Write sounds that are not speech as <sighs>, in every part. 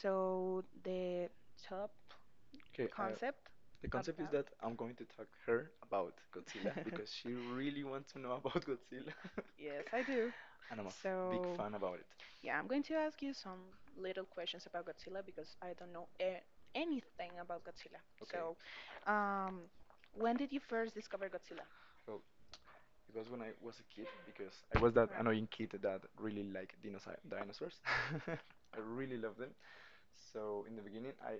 So the top Okay, concept. the concept is that I'm going to talk her about Godzilla <laughs> because she really wants to know about <laughs> Godzilla, Yes, I do. <laughs> and I'm a So fan about it. yeah, I'm going to ask you some little questions about Godzilla because I don't know anything about Godzilla. Okay, So, um, when did you first discover Godzilla? so it was when I was a kid because I was that annoying kid that really liked dinosaurs. <laughs> I really love them. So in the beginning, I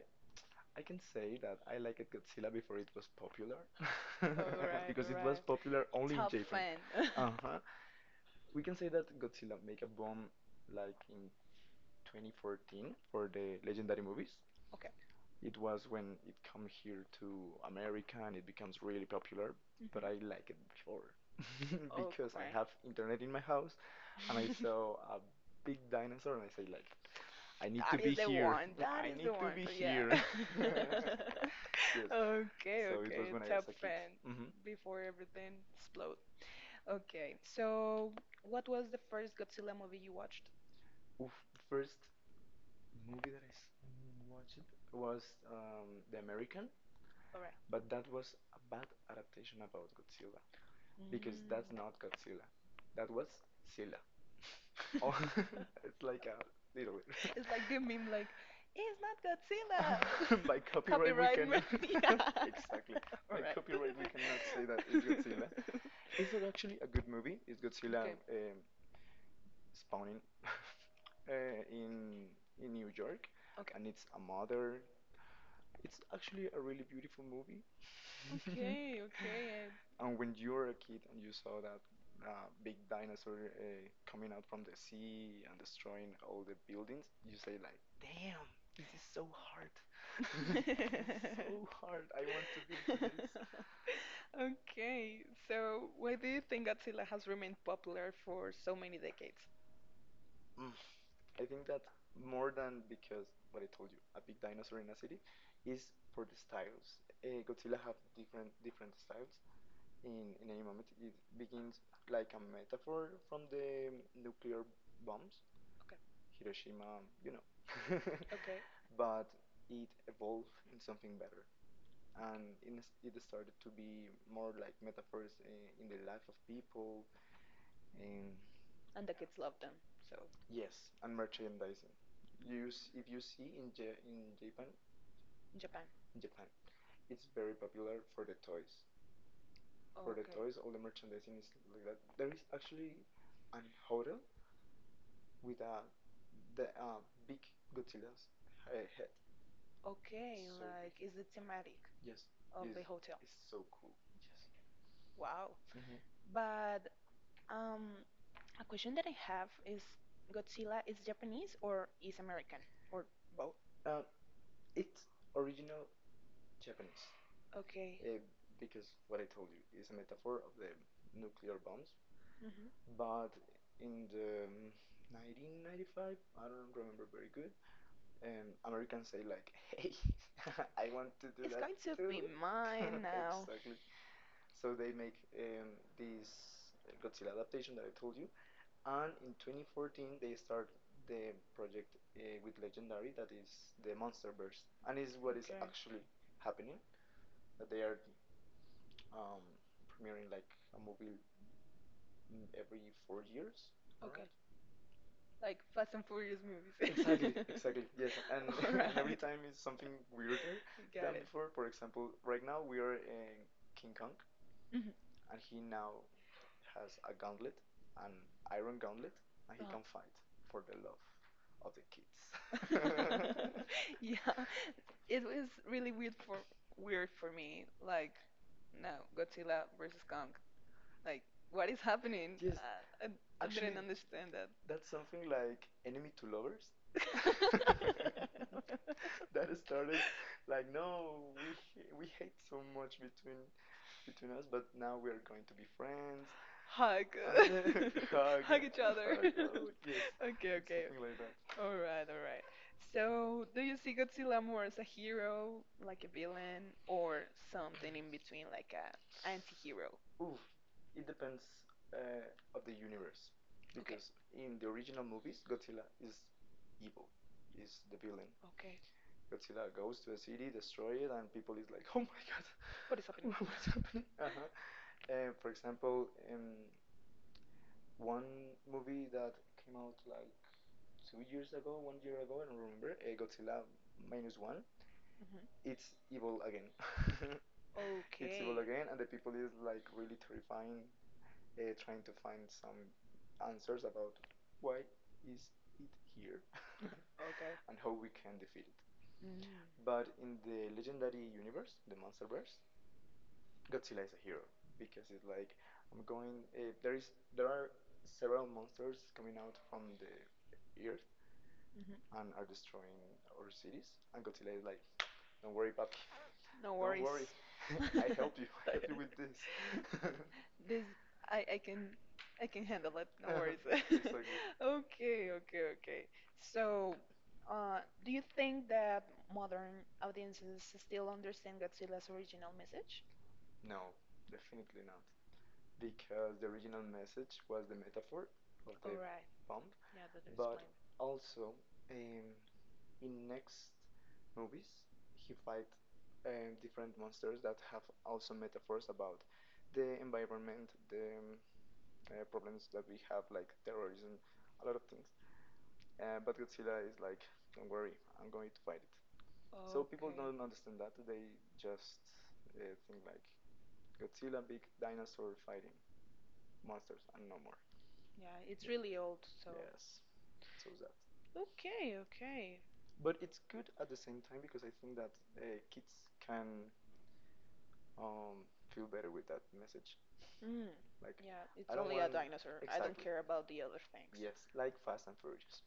I can say that I liked Godzilla before it was popular <laughs> All <laughs> right, because all it was popular right. only in Top Japan. fan. <laughs> Okay. Uh We can say that Godzilla make a bomb like in 2014 for the legendary movies. It was when it come here to America and it becomes really popular, but I Mhm. like it before <laughs> Oh, because I have internet in my house and I right. <laughs> saw a big dinosaur and I say like I need to That be is the here. one. <laughs> That I is the need need to one. be Yeah. <laughs> here. <laughs> <laughs> Yes. Yes. Okay, So it okay. was when I was a Top top kid. fan Fan. Before everything explode. Okay. So, what was the first Godzilla movie you watched? Oof, the first movie that I watched was The American. All right. But that was a bad adaptation about Godzilla because that's Mm. not Godzilla. That was Zilla. <laughs> Mm. Oh, <laughs> it's like <laughs> a <laughs> little bit. <laughs> <laughs> It's like the meme, like, Like, it's not <laughs> by Godzilla. <laughs> <laughs> copyright, we Copyright. Cannot. <laughs> <laughs> <laughs> Yeah. Exactly. Yes, <laughs> all By right. copyright, we cannot say that it's Godzilla. <laughs> <laughs> Is it actually a good movie? Is Godzilla spawning <laughs> uh, in in New York, Okay. okay. Okay. And it's a mother it's actually a really beautiful movie. <laughs> <laughs> Okay, okay. And when you were a kid and you saw that big dinosaur coming out from the sea and destroying all the buildings, you say like, "Damn, this is so hard. <laughs> This is so hard. I <laughs> want to be into this." <laughs> Okay, so why do you think Godzilla has remained popular for so many decades? Mm. I think that more than because what I told you, a big dinosaur in a city, is for the styles. Godzilla have different styles, in any moment. It begins like a metaphor from the nuclear bombs, Okay, Hiroshima. <laughs> <laughs> okay, But it evolved in something better. And it started to be more like metaphors in the life of people. And and the kids love them. So yes, and merchandising. You, if you see in Japan, in Japan. Japan, it's very popular for the toys. For the Okay. toys, all the merchandising is like that. There is actually an hotel with a the big Godzilla's head. Okay, So big. like is the thematic Yes, of yes, the it's, hotel. it's so cool. Wow. Yes. But um, a question that I have is Godzilla is Japanese or is American or both? Uh, it's original Japanese Okay. uh, because what I told you is a metaphor of the nuclear bombs. Hmm. But in the 1995, I don't remember very good. Americans say like, "Hey, <laughs> I want <laughs> to do It's that going to too." be <laughs> mine now. Exactly. So they make um, this Godzilla adaptation that I told you, and in 2014 they start the project with Legendary, that is the MonsterVerse, and is what is Okay. actually happening. That they are um, premiering like a movie every 4 years, Okay. alright? Like Fast and Furious <laughs> Exactly, movies. <laughs> exactly. Yes, and <laughs> <laughs> and every Alright. time is something weirder You than got it. before. For example, right now we are in King Kong, Mhm. and he now has a gauntlet, an iron gauntlet, and he can fight for the love of the kids. <laughs> <laughs> <laughs> Yeah, it was really weird for me. Like, now Godzilla versus Kong. Like, what is happening? <laughs> Yes, I actually, didn't understand that. that's something like enemy to lovers. <laughs> <laughs> <laughs> That started like no, we hate so much between us, but now we are going to be friends. hug, And then <laughs> <laughs> hug, hug, hug each other. <laughs> oh, yes, <laughs> okay, Okay, it's okay. something like that. All right, all right. So, do you see Godzilla more as a hero, like a villain, or something in between, like a anti-hero? Oof, it depends uh, of the universe, Okay, because in the original movies, Godzilla is evil, is the villain. okay. Godzilla goes to a city, destroy it, and people is like, <laughs> "Oh my What is happening? god, <laughs> what is happening?" Uh-huh. For example, um, one movie that came out like 2 years ago, one year ago, I don't remember. Godzilla minus one. Mhm. <laughs> It's evil again. <laughs> Okay. It's evil Okay. again, and the people is like really terrifying trying to find some answers about why is it here <laughs> and how we can defeat it. Mm, But in the legendary universe, the MonsterVerse, Godzilla is a hero because it's like I'm going. There are several monsters coming out from the earth mhm. and are destroying our cities, and Godzilla is like, "Don't worry, papi. No Don't worries. worry. <laughs> <laughs> <laughs> I help you. I help you with this." <laughs> I This I can handle it. No Uh-huh. worries. <laughs> <laughs> <laughs> Reason. <laughs> It's Exactly. okay, <laughs> okay, okay. So, do you think that modern audiences still understand Godzilla's original message? No, definitely not. Because the original message was the metaphor of All the right. bomb, Yeah, that's but explained. also um, in next movies he fight different monsters that have also metaphors about the environment, the problems that we have, like terrorism, a lot of things. But Godzilla is like, don't worry, I'm going to fight it. So Okay. people don't understand that. They just think like Godzilla, big dinosaur fighting monsters, and no more. Yeah, Yeah. it's really old, so. So. Yes, so that. Okay, okay. But it's good at the same time because I think that kids can um, feel better with that message. Mm. Like, Yeah, it's it's I don't only a want dinosaur. I don't exactly. Exactly. care about the Things. other things. Yes, like Fast and Furious.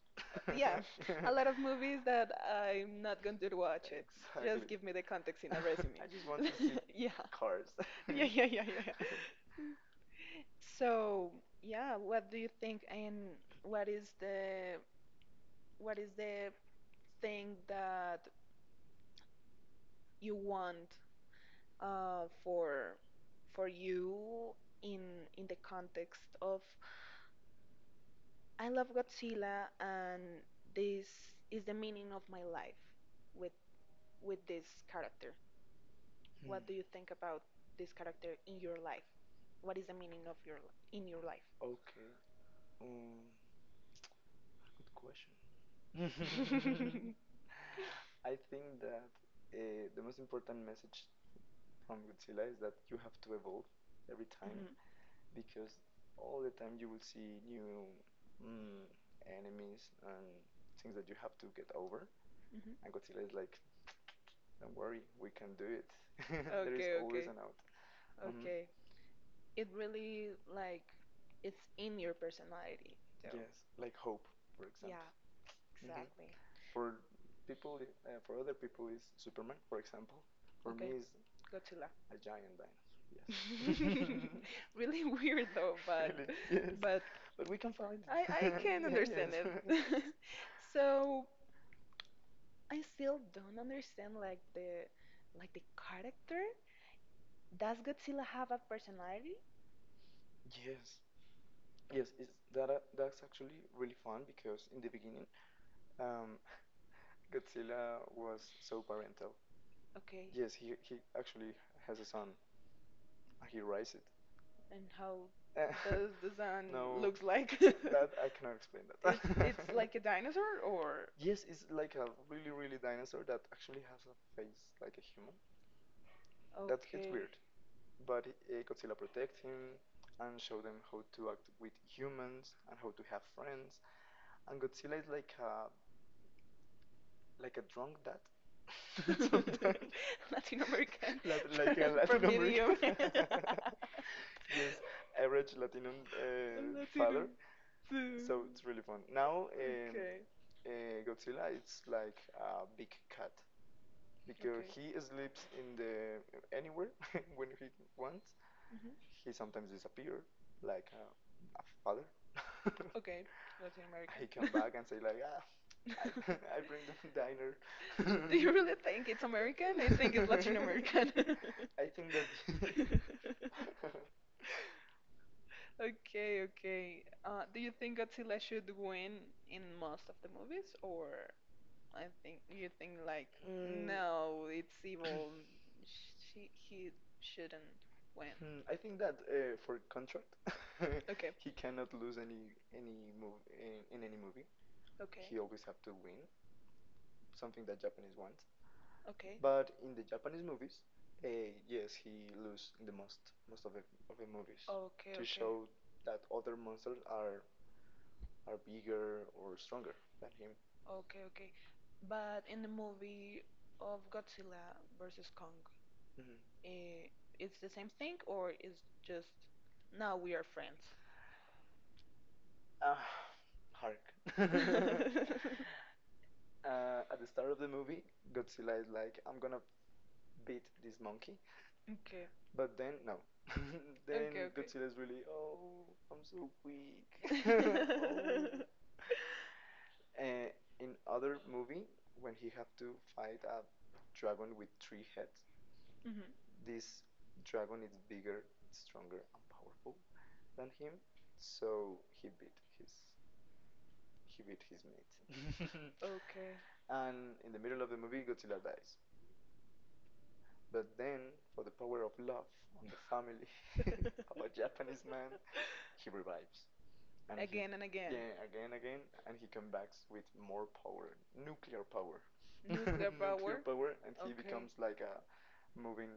Yeah, a lot of <laughs> movies <laughs> that <laughs> I'm not going to watch it. Just give me Exactly. the context in a <laughs> <laughs> resume. I just want to see <laughs> Yeah. <laughs> <laughs> cars. <laughs> Yeah, yeah, Yeah. yeah, yeah. Yeah. <laughs> So, yeah, what do you think and what is the thing that you want for you in the context of I love Godzilla and this is the meaning of my life with this character. Hmm. What do you think about this character in your life? What is the meaning of your li- in your life? Okay. Um, good <laughs> question. <laughs> Mm-hmm. I think that the most important message from Godzilla is that you have to evolve every time because all the time you will see new mm, enemies and things that you have to get over. Mm-hmm. And Godzilla is like, don't worry, we can do it. <laughs> There is Okay, okay, always okay. okay. An out. Mhm. Okay. Okay. It really like it's in your personality. So Yes, like hope, for yes. Yeah, example. exactly. For people, for other people is Superman, for example. Mm-hmm. For me Okay, is Godzilla. a giant dinosaur. Yes. <laughs> <laughs> Really <laughs> weird though, <laughs> <laughs> but Really? Yes. <laughs> but But we can find it. I I <laughs> can <laughs> yes. understand Understand it. <laughs> So I still don't understand like the character. Does Godzilla have a personality? <laughs> yes. Yes. That that's actually really fun because in the beginning, um, Godzilla was so parental. Okay. Yes, he actually has a son. And he raised it. <laughs> And how <laughs> does the sun <laughs> No. looks like? <laughs> That I cannot explain that. It's It's <laughs> like a <laughs> dinosaur or yes, it's like a really, really dinosaur that actually has a face like a human. That's it's okay. weird, but Godzilla protects him and show them how to act with humans and how to have friends. And Godzilla is like a drunk <laughs> dad <laughs> Sometimes. sometimes, <laughs> Latin American <laughs> <laughs> Lat like a <laughs> <laughs> American. Latin Promedium. American. <laughs> <laughs> <laughs> <laughs> Yes, average Latino father. Latinum. So So it's really fun. Now, okay. uh, Godzilla it's like a big cat because he Okay. sleeps in the anywhere <laughs> when he wants. Mhm. He sometimes disappears like a father. <laughs> Okay, Latin American. He come <laughs> back and say like, Ah, I, <laughs> <laughs> I bring the diner. <laughs> diner. <laughs> Do Do you you really really think think it's it's American? American? I <laughs> I think think it's it's much Latin American. American. <laughs> <laughs> I think that. <laughs> Think- Okay, okay. Do you think Godzilla should win in most of the movies, or I think you think like do you no, no, it's it's evil. evil. She he shouldn't win. Mhm, I think that for contract, <laughs> okay, <laughs> Okay, he cannot lose any move in any movie. okay, He always have to win, something that Japanese wants. okay, But in the Japanese movies, yes, he lose in the most of the movies okay, to okay, show that other monsters are bigger or stronger than him. okay, okay. But in the movie of Godzilla versus Kong, Mhm. eh, it's the same thing or it's just now we are friends? Ah, hark. <laughs> <laughs> <laughs> Okay, <laughs> at the start of the movie, Godzilla is like, "I'm gonna beat this monkey," but then no. <laughs> Then okay, okay. Godzilla is <laughs> really oh I'm so weak. <laughs> <laughs> Oh. And in other movie when he had to fight a dragon with three heads, Mhm, this dragon is bigger, stronger, and powerful than him. So he his beat his mate. okay. <laughs> And in the middle of the movie, Godzilla dies. But then, for the power of love and the family <laughs> of a Japanese man, <laughs> he revives. And he Again and again. yeah again and he comes back with more power nuclear Nuclear, power <laughs> <laughs> <laughs> nuclear nuclear nuclear power? power and okay. He Okay. becomes like a moving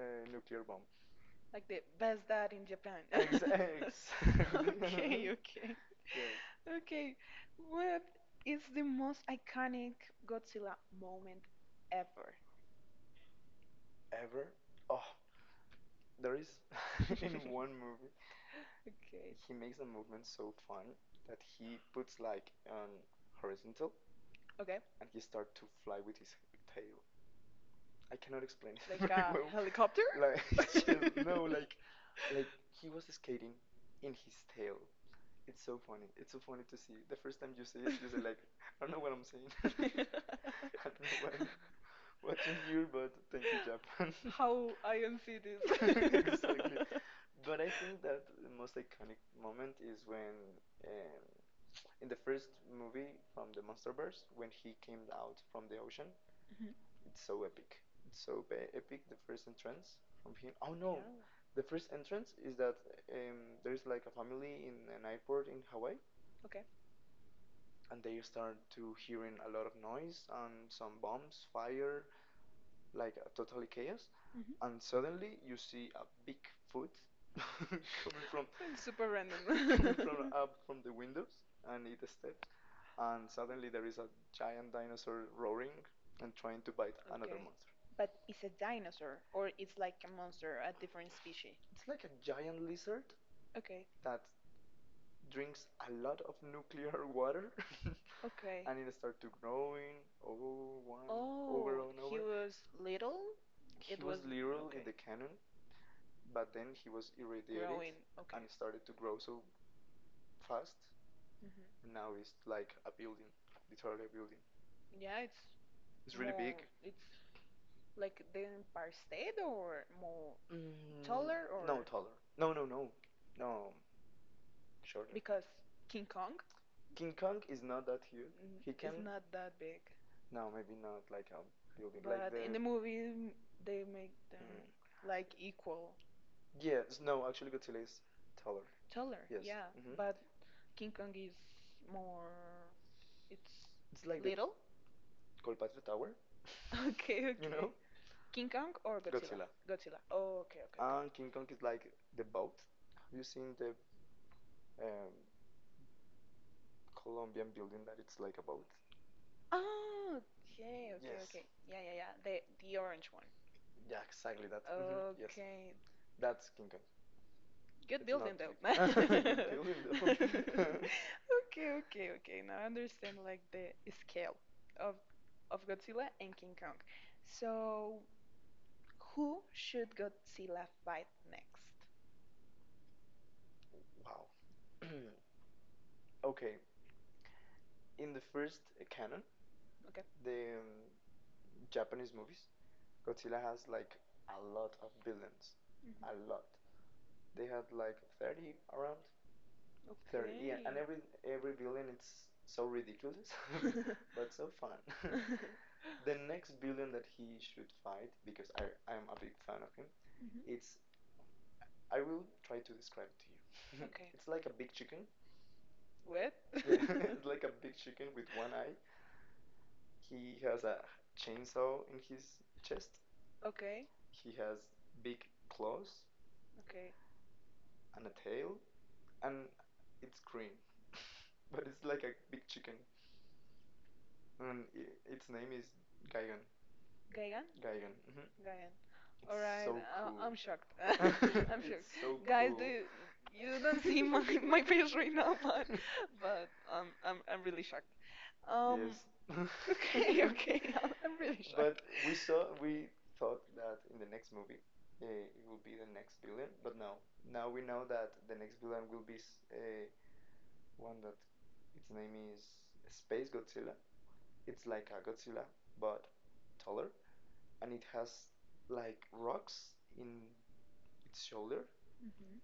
nuclear bomb. Like the best dad in Japan. <laughs> Yes. <laughs> <laughs> <laughs> Exactly. <laughs> okay, <laughs> okay. Yes Okay, what is the most iconic Godzilla moment ever? ever oh there is <laughs> in one <laughs> movie Okay. he makes the movement so fun that he puts like on horizontal Okay. Plane. and he starts to fly with his tail I cannot explain it <laughs> very well. <laughs> Helicopter? Like <laughs> <laughs> <laughs> no, <laughs> like he was skating in his tail. It's so funny. It's so funny to see. The first time you see it, you say like, I don't know what I'm saying. <laughs> I don't know what <laughs> I I'm watching here, but thank you, Japan. <laughs> <laughs> how I don't see <laughs> <laughs> this. <laughs> <laughs> Exactly. But I think that the most iconic moment is when, um, in the first movie from the MonsterVerse, when he came out from the ocean, Mhm. it's so epic. It's so epic. The first entrance from him. Oh no, Yeah. the first entrance is that um, there is like a family in an airport in Hawaii, Okay. and they start to hearing a lot of noise and some bombs, fire, like a totally chaos. And suddenly you see a big foot <laughs> coming from Mhm. Super random. <laughs> coming <laughs> <laughs> from From up <laughs> from the windows, and it steps, and suddenly there is a giant dinosaur roaring and trying to bite another okay. monster. But it's a dinosaur, or it's like a monster, a different species. It's like a giant lizard Okay. that drinks a lot of nuclear water <laughs> Okay. And and in it the story, started to growing, one one oh, over over and and he over. over, was little? He It It he was was, was was. little little okay, in the with the kid, cannon, but but then then he he was was irradiated. irradiated. Growing. Okay. Okay. And And it it's, started to grow so fast, hmm and now it's like a building, literally a building. yeah, it's It's really really big. big. More, it's like the Empire State or more. Mm, Mm, taller. No, or no, or taller. taller. No, no, no, no, shorter. Because King Kong King Kong is is not not that that big. huge. Mm, He He can is can not that big. No, maybe not like a building. Like But in the, the movie, they make them mm, like equal, yes, no, actually Godzilla is taller. taller. Yes. Yeah, Hmm. but King Kong is more. It's It's like the <laughs> little. Colpatria Tower, <laughs> <laughs> Okay, you know? okay. King Kong or Godzilla? Godzilla? Godzilla. Oh, okay, okay. And King Kong is like the boat. Have you seen the um, Colombian building that it's like a boat? Oh, okay, okay, Yes. okay. Yeah, yeah, yeah. The orange one. Yeah, exactly that. Hmm. Yes, Okay, that's King Kong. good It's not building big, though. <laughs> <laughs> though. <laughs> Good <laughs> building, though. <laughs> Okay, okay, okay. Now I understand like the scale of Godzilla and King Kong. So who should Godzilla fight next? <laughs> Wow. <clears throat> Okay, in the first canon, Okay. the Japanese movies, Godzilla has like a lot of villains, Mhm. a lot. They had like 30, around Okay. 30, yeah, and every villain it's so ridiculous, <laughs> but <laughs> so fun. <laughs> <laughs> Okay. The next villain that he should fight, because I'm a big fan of him, <laughs> Mhm. it's I will try to describe it to you. Okay. <laughs> Okay. It's like a big chicken. <laughs> What? <laughs> Yeah, <laughs> it's like a big chicken with one eye. He has a chainsaw in his chest. Okay, He has big claws okay. and a tail, and it's green, <laughs> but it's like a big chicken, and its name is Gigan. Gigan? Gigan. Hmm. Gaia. All It's right, so uh, cool. I'm shocked. <laughs> Shocked. <laughs> <laughs> <laughs> I'm It's shocked. so Guys, cool. You don't see my <laughs> You. my face right now, <laughs> but <laughs> but um, I'm really shocked. Yes. Um, <laughs> <laughs> okay, <laughs> okay, <laughs> I'm really <laughs> But But shocked. We thought that in the next movie, it will be the next villain, but no. Now we know that the next villain will be one that its name is Space Godzilla. It's like a Godzilla, but taller, and it has like rocks in its shoulder, Hmm.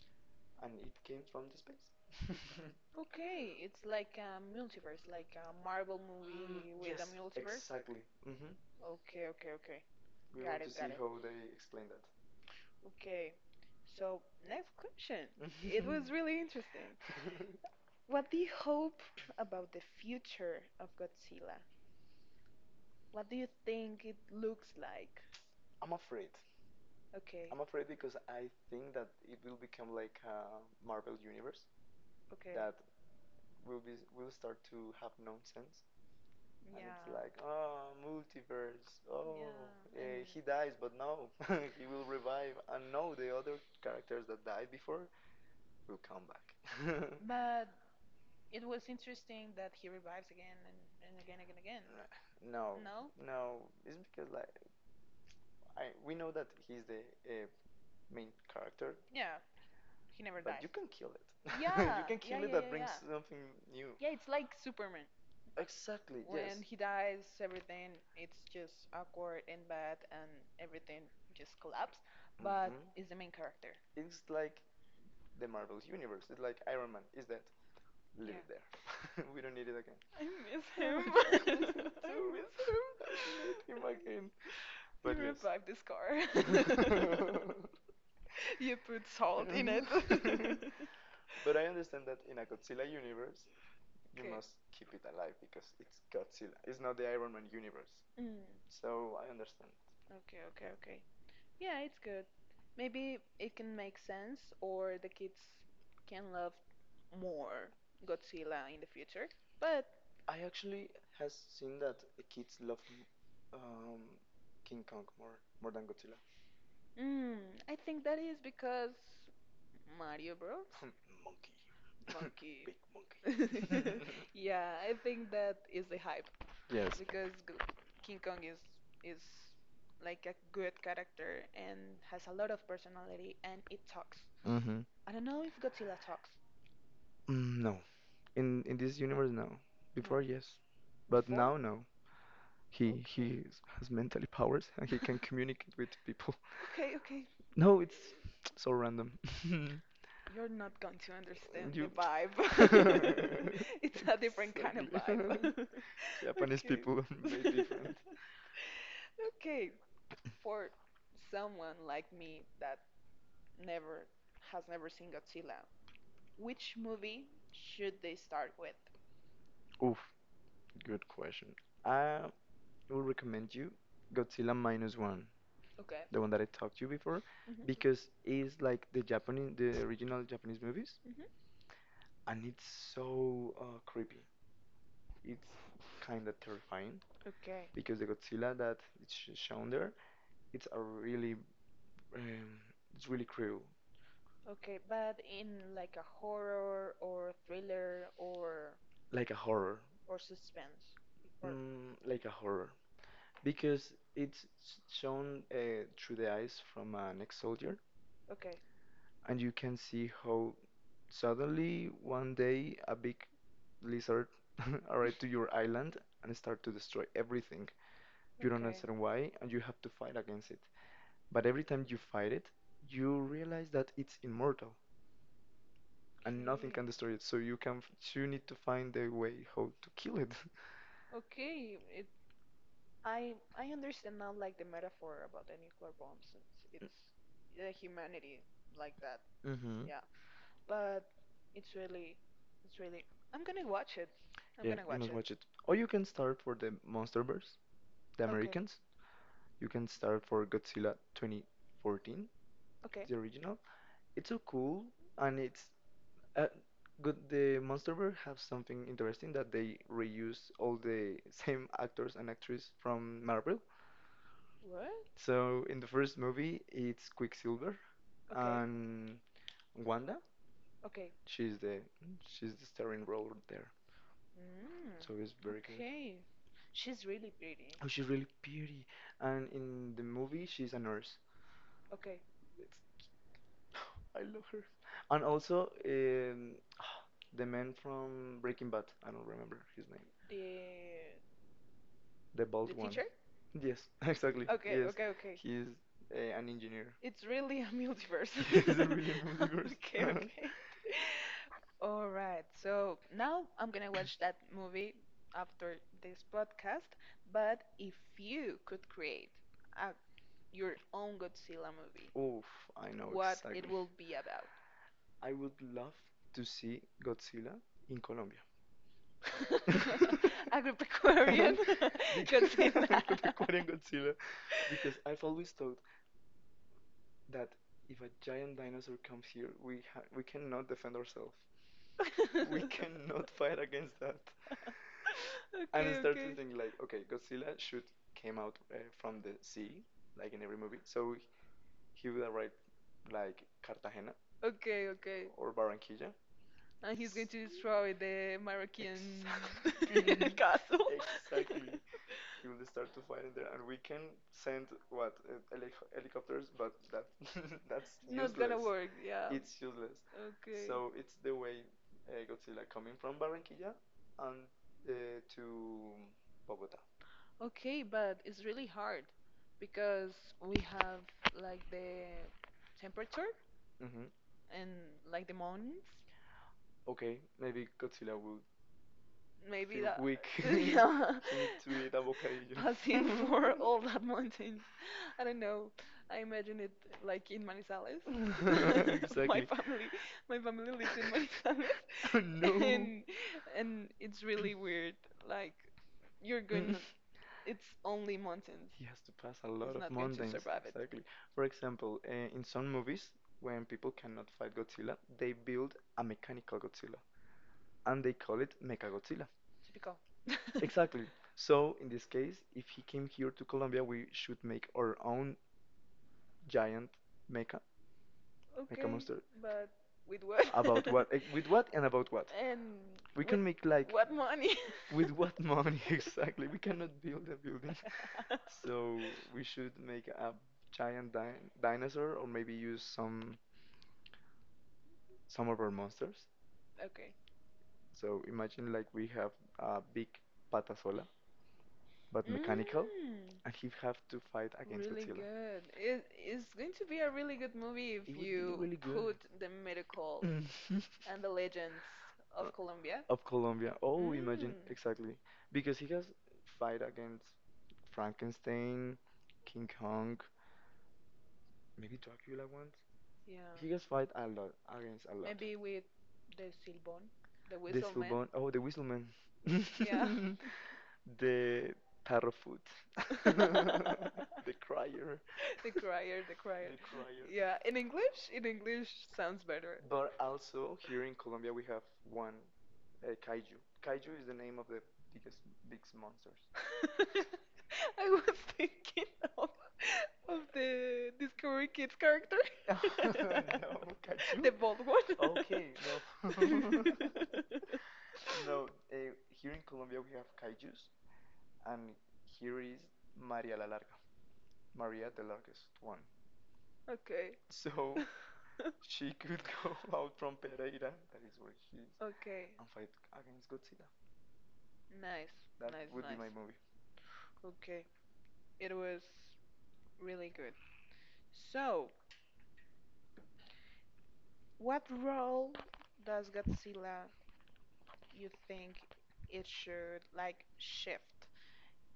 and it came from the space. <laughs> Okay, it's like a multiverse, like a Marvel mm, movie. Mm, with a multiverse. Exactly. Hmm. Okay, okay, okay. We Got want to it, see got it. how they explain that. Okay, so next question. <laughs> <laughs> Interesting. It was really interesting. <laughs> What do you hope about the future of Godzilla? What do you think it looks like? I'm afraid. Okay, I'm afraid because I think that it will become like a Marvel universe okay, that will start to have nonsense, and yeah. It's like, yeah, oh, multiverse. Oh yeah, and he dies, but no, <laughs> he will <laughs> revive, and no, the other characters that died before will come back. <laughs> <laughs> but it was interesting that he revives again and again, and again. Again. But no, No, no, no, it's because like we know that he's the uh, main character, yeah, he never but dies. you <laughs> can kill it, <laughs> you Yeah, can <laughs> yeah, yeah, kill it. That, yeah, yeah, brings, yeah, yeah. something new. Yeah, it's like Superman. Exactly. When Yes. he dies, everything it's just awkward and bad, and everything just collapse. But Mhm. is the main character. It's like the Marvel universe. It's like Iron Man, is that- leave Yeah. it there. <laughs> We don't need it again. I miss <laughs> I him. would just <laughs> listen I to it. miss him. I don't need him again. But You <laughs> yes. revived this car. <laughs> <laughs> You put salt in it. <laughs> <laughs> But I understand that in a Godzilla universe, you Okay. must keep it alive because it's Godzilla. It's not the Iron Man universe. Mm, So I understand. okay, okay, okay. Yeah, it's good. Maybe it can make sense, or the kids can love more Godzilla in the future. But I actually has seen that kids love um, King Kong more than Godzilla. mm, I think that is because Mario Bros. <laughs> <coughs> Monkey. Monkey. <laughs> Big <laughs> monkey. <laughs> Yeah, I think that is the hype Yes. because G King Kong is is like a good character and has a lot of personality and it talks. Mm-hmm. I don't know if Godzilla talks. Mm, no. In this universe, no. Before, yes. But now, no. He has mentally powers, and he can communicate with people. <laughs> Okay, okay. No, it's <tsk> so random. <laughs> You're not going to understand the You. vibe. <laughs> <laughs> It's a different kind of Exactly. <laughs> vibe. Japanese people <laughs> made different. <laughs> Okay, for someone like me that never never seen Godzilla, which movie should they start with? Oof, good question. I will recommend you Godzilla minus one, Okay. the one that I talked to you before, Hmm. because it's like the Japanese, the original Japanese movies, Hmm. and it's so creepy. It's kind of terrifying Okay. because the Godzilla that it's shown there, it's a um, it's really cruel, Okay, but in like a horror or thriller like a horror, or suspense. Or like a horror, because it's shown through the eyes from an ex-soldier, okay. and you can see how suddenly one day a big lizard <laughs> arrive to your island and start to destroy everything. You don't Okay. understand why, and you have to fight against it. But every time you fight it, you realize that it's immortal and nothing can destroy it. So you need to find the way how to kill it. Okay, it I I understand now like the metaphor about the nuclear bombs. It's the humanity like that. <laughs> Hmm. Yeah, but it's really it's really. I'm gonna watch it. I'm Yeah, gonna you watch must it. watch it. Or you can start for the MonsterVerse, the Americans. You can start for Godzilla 2014, Okay. the original. It's so cool, and it's Uh, good, the MonsterVerse have something interesting that they reuse all the <laughs> same actors and actresses from Marvel. What? So in the first movie, it's Quicksilver and Wanda. Okay. She's the she's the starring role there, so it's Mm. very good. Okay. She's really pretty. Oh, she's really pretty, and in the movie, she's a nurse. Okay. It's- I love her. And also, <gasps> <sighs> the man from Breaking Bad. I don't remember his name. The The the bald one. teacher? Yes, <laughs> exactly. Okay. Yes, Okay. Okay. he's an engineer. It's really a multiverse. <laughs> He's a really <laughs> multiverse. Okay. <laughs> Okay. <laughs> All right, so now I'm gonna watch that movie after this podcast. But if you could create a, your own Godzilla movie, Oof, I know, what it exactly. will be about? I would love to see Godzilla in Colombia. <laughs> Agripecuarian <laughs> <laughs> Because <laughs> Godzilla. Agropecuarian Godzilla. Because I've always thought that if a giant dinosaur comes here, we cannot defend ourselves. <laughs> We <laughs> cannot fight against that. And I Okay, started to okay, think like, okay, Godzilla should came out from the sea, like in every movie. So he would arrive like Cartagena okay, okay. or Barranquilla. And he's going Exactly. to destroy the Moroccan <laughs> <laughs> castle. Exactly. He will start to fight in there, and we can send <laughs> helicopters, but that <laughs> that's <laughs> Not useless. gonna work, yeah. It's useless. Okay. So it's the way Godzilla coming from Barranquilla and to Bogota. Okay, but it's really hard because we have like the temperature Mm-hmm. and like the mountains, Okay, maybe Godzilla would maybe feel Godzilla. that Weak. <laughs> <laughs> yeah He need to eat avocado. <laughs> Okay, passing for all horrible. <laughs> that mountains. I don't know, I imagine it like in I Manizales. like this. <laughs> <laughs> My Exactly. family <laughs> I'm really lives in sorry. Oh, Manizales. <laughs> no. <laughs> and and it's really weird, like We're, you're mm, good. Mm. going <laughs> it's only mountains, He has to pass a lot of- lot it's of not going to mountains. survive Survival. it Exactly. For example, in some movies, when people cannot fight Godzilla, they build a mechanical Godzilla, and they call it Mechagodzilla. exactly. Typical. Exactly. So in this case, if he came here to Colombia, we should make our own giant mecha, <laughs> mecha Okay, monster. but with what About what? With what, and about what? <laughs> and We can make, like, what money? with what money, <laughs> exactly? We cannot build a building, <laughs> so we <laughs> should make a giant dinosaur, or maybe use some of our monsters. Okay. So imagine like we have a big patasola, but Mm, mechanical, and he have to fight against really Godzilla. good. It's going to be a really good movie It if would be you really good. put the miracle Mhm. <laughs> and the legends Uh, of Colombia. Of Colombia. Oh, imagine, Mm, exactly. Because he has fight against Frankenstein, King Kong, maybe Dracula once. He yeah. has fight a lot against a lot. Maybe with the Silbón, the yes, The whistle man. Silbon. Oh, the Whistleman. Yeah. <laughs> The Parrotfoot. <laughs> <laughs> The Crier. The crier, the <laughs> crier. The Crier. Yeah, in English sounds better. But also here in Colombia we have one kaiju. Kaiju is the name of the biggest biggest monsters. <laughs> I was thinking of, of the Discovery Kids character. <laughs> <laughs> No, <laughs> No, Kachu? The kaiju. bald one. Okay, no. <laughs> <laughs> <laughs> No, No, here in Colombia we have kaijus, and here is Maria la Larga, Maria the largest one. okay. <laughs> So she could <laughs> go out from Pereira, that is What where she she is, okay. and fight against Godzilla. Nice. That Nice, nice. would be my movie. Okay. It was really good. So, what role does Godzilla you think it should like shift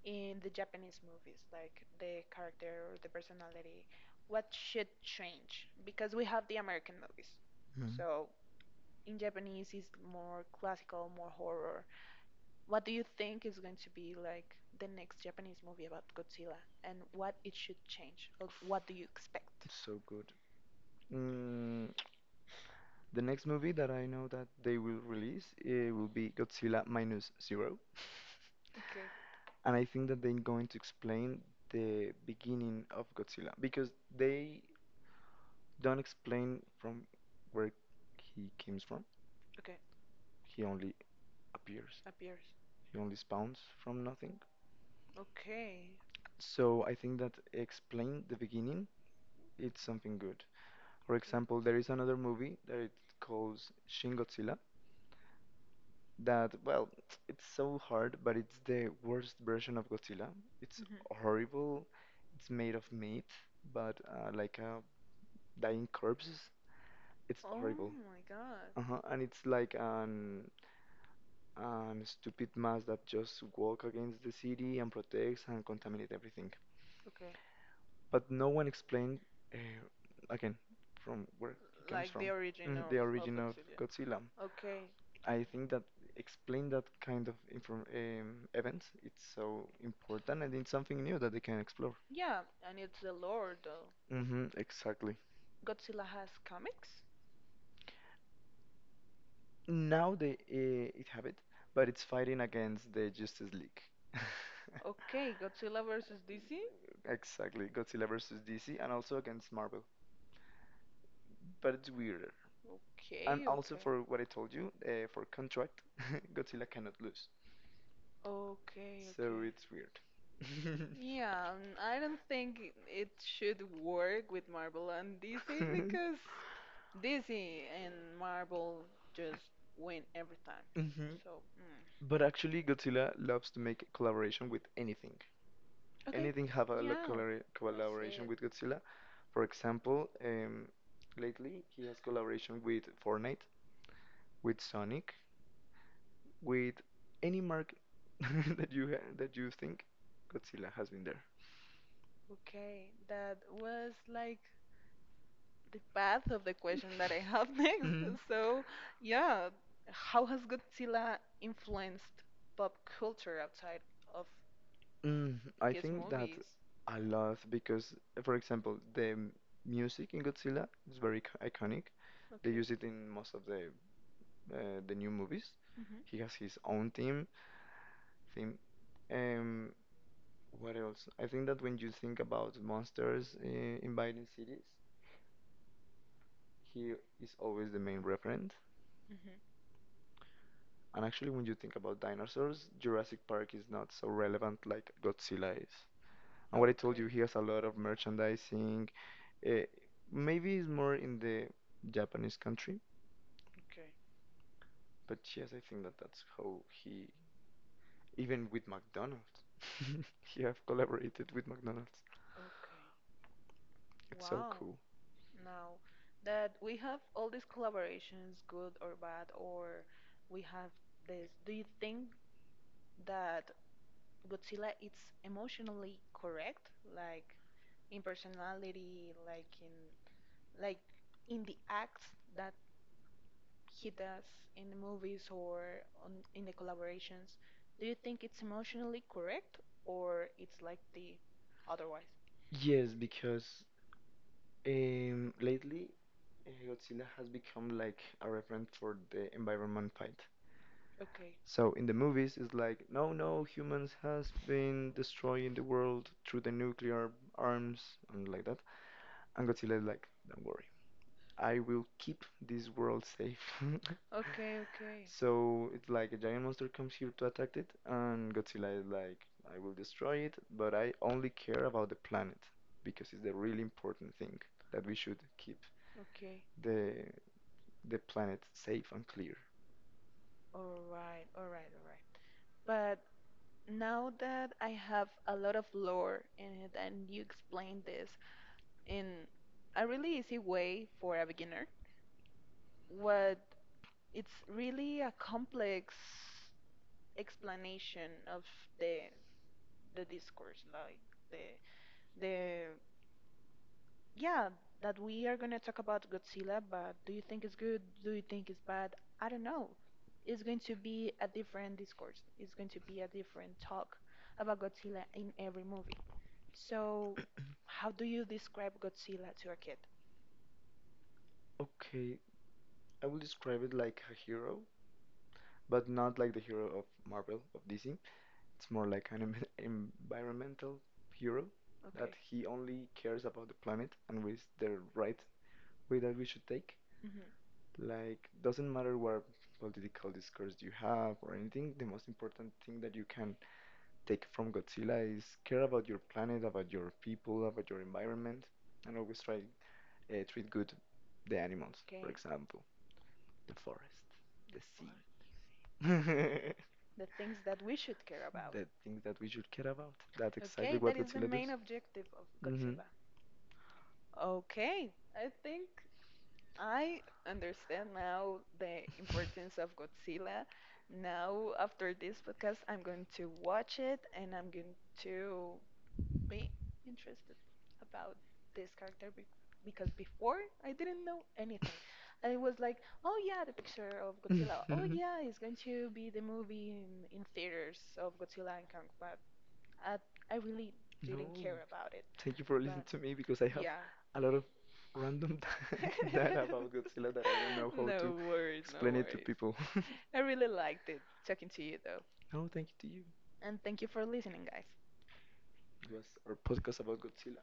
in the Japanese movies, like the character or the personality? What should change? Because we have the American movies. Mhm. So in Japanese it's more classical, more horror. What do you think is going to be like the next Japanese movie about Godzilla and what it should change? Or what do you expect? So good. Mm, the next movie that I know that they will release, it will be Godzilla minus zero, Okay. <laughs> and I think that they're going to explain the beginning of Godzilla because they don't explain from where he comes from. Okay, He only appears. appears. He only spawns from nothing. Okay. So I think that explain the beginning. It's something good. For example, there is another movie that it calls Shin Godzilla, that well, it's so hard, but it's the worst version of Godzilla. It's Mhm. horrible. It's made of meat, but like, dying corpses. It's Oh horrible. my god. Uh-huh. And it's like an stupid mass that just walk against the city and protects and contaminate everything, Okay. but no one explained, uh, again, from where he comes Like so the from. Mm, original. the origin of Godzilla, Okay. I think that explain that kind of inform events. It's so important, and it's something new that they can explore. Yeah, and it's the lore though. Hmm. Exactly. Godzilla has comics? Now they it have it, but it's fighting against the Justice League. <laughs> Okay, Godzilla versus DC? Exactly, Godzilla versus DC, and also against Marvel. But it's weirder. And Okay. also for what I told you, for contract, <laughs> Godzilla cannot lose. Okay, So okay. it's weird. <laughs> Yeah, and I don't think it should work with Marvel and DC. Mhm. <laughs> Because DC and Marvel just win every time. <laughs> Mhm. So, mm. But actually, Godzilla loves to make collaboration with anything. Okay. Anything have a Yeah, collaboration with that's it. Godzilla. For example, lately he has collaboration with Fortnite, with Sonic, with any mark <laughs> that you ha that you think Godzilla has been there. Okay, that was like the path of the question that I have <laughs> next. Mhm. Mhm. So, yeah, how has Godzilla influenced pop culture outside of Mm, I its think that movies? I love because, for example, the music in Godzilla is very iconic. They use Okay. it in most of the new movies. Mhm. He has his own team. Theme. Um, what else? I think that when you think about monsters in Biden cities, he is always the main referent. Mhm. And actually, when you think about dinosaurs, Jurassic Park is not so relevant like Godzilla is. And what I told you, he has a lot of merchandising. Uh, Maybe it's more in the Japanese country, Okay. but yes, I think that that's how he, even with McDonald's, <laughs> he have collaborated with McDonald's. Okay. So It's so wow. cool. Now that we have all these collaborations, good or bad, or we have this, do you think that Godzilla is emotionally correct? Like in personality, like in like the acts that he does in the movies or on, in the collaborations, do you think it's emotionally correct or it's like the otherwise? Yes, because lately Godzilla has become like a reference for the environment fight. Okay, So in the movies, it's like, no, no, humans has been destroying the world through the nuclear arms and like that. And Godzilla is like, don't worry, I will keep this world safe. <laughs> okay, okay, So it's like a giant monster comes here to attack it, and Godzilla is like, I will destroy it, but I only care about the planet because it's the really important thing that we should keep okay. the the planet safe and clear. All right, all right, all right. But now that I have a lot of lore in it and you explained this in a really easy way for a beginner, what it's really a complex explanation of the the discourse, like the the yeah that we are gonna talk about Godzilla, but do you think it's good? Do you think it's bad? I don't know. It's going to be a different discourse. It's going to be a different talk about Godzilla in every movie. So, how do you describe Godzilla to a kid? Okay, I will describe it like a hero, but not like the hero of Marvel of DC. It's more like an <laughs> environmental hero that he only cares about the planet, and with the right way that we should take. Okay. Mhm. Like, doesn't matter what political discourse you have or anything, the most important thing that you can take from Godzilla is care about your planet, about your people, about your environment, and always try treat good the animals, for Okay, example, the forest, the sea. yes. <laughs> The things that we should care about. The things that we should care about. That's exactly Okay, that what is the Godzilla main does. objective of. Hmm. Okay, I think I understand now the importance of Godzilla. Now, after this podcast, I'm going to watch it and I'm going to be interested about this character because before I didn't know anything. I was like, oh yeah, the picture of Godzilla. Oh yeah, it's going to be the movie in theaters of Godzilla and Kong, but I, I really <laughs> didn't No, care about it. thank you for listening But to me because I have yeah. a lot of random <laughs> data <laughs> about Godzilla that I don't know how No to worries, no explain it to worries. people. I really liked it talking to you though. <laughs> No, thank you to you. And thank you for listening, guys. It was our podcast about Godzilla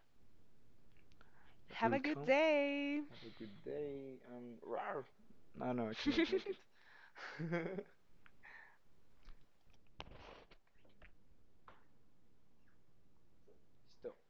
that Have a will good come. day. Have a good day and rawr. No, no, I cannot. <laughs> <laughs> Stop.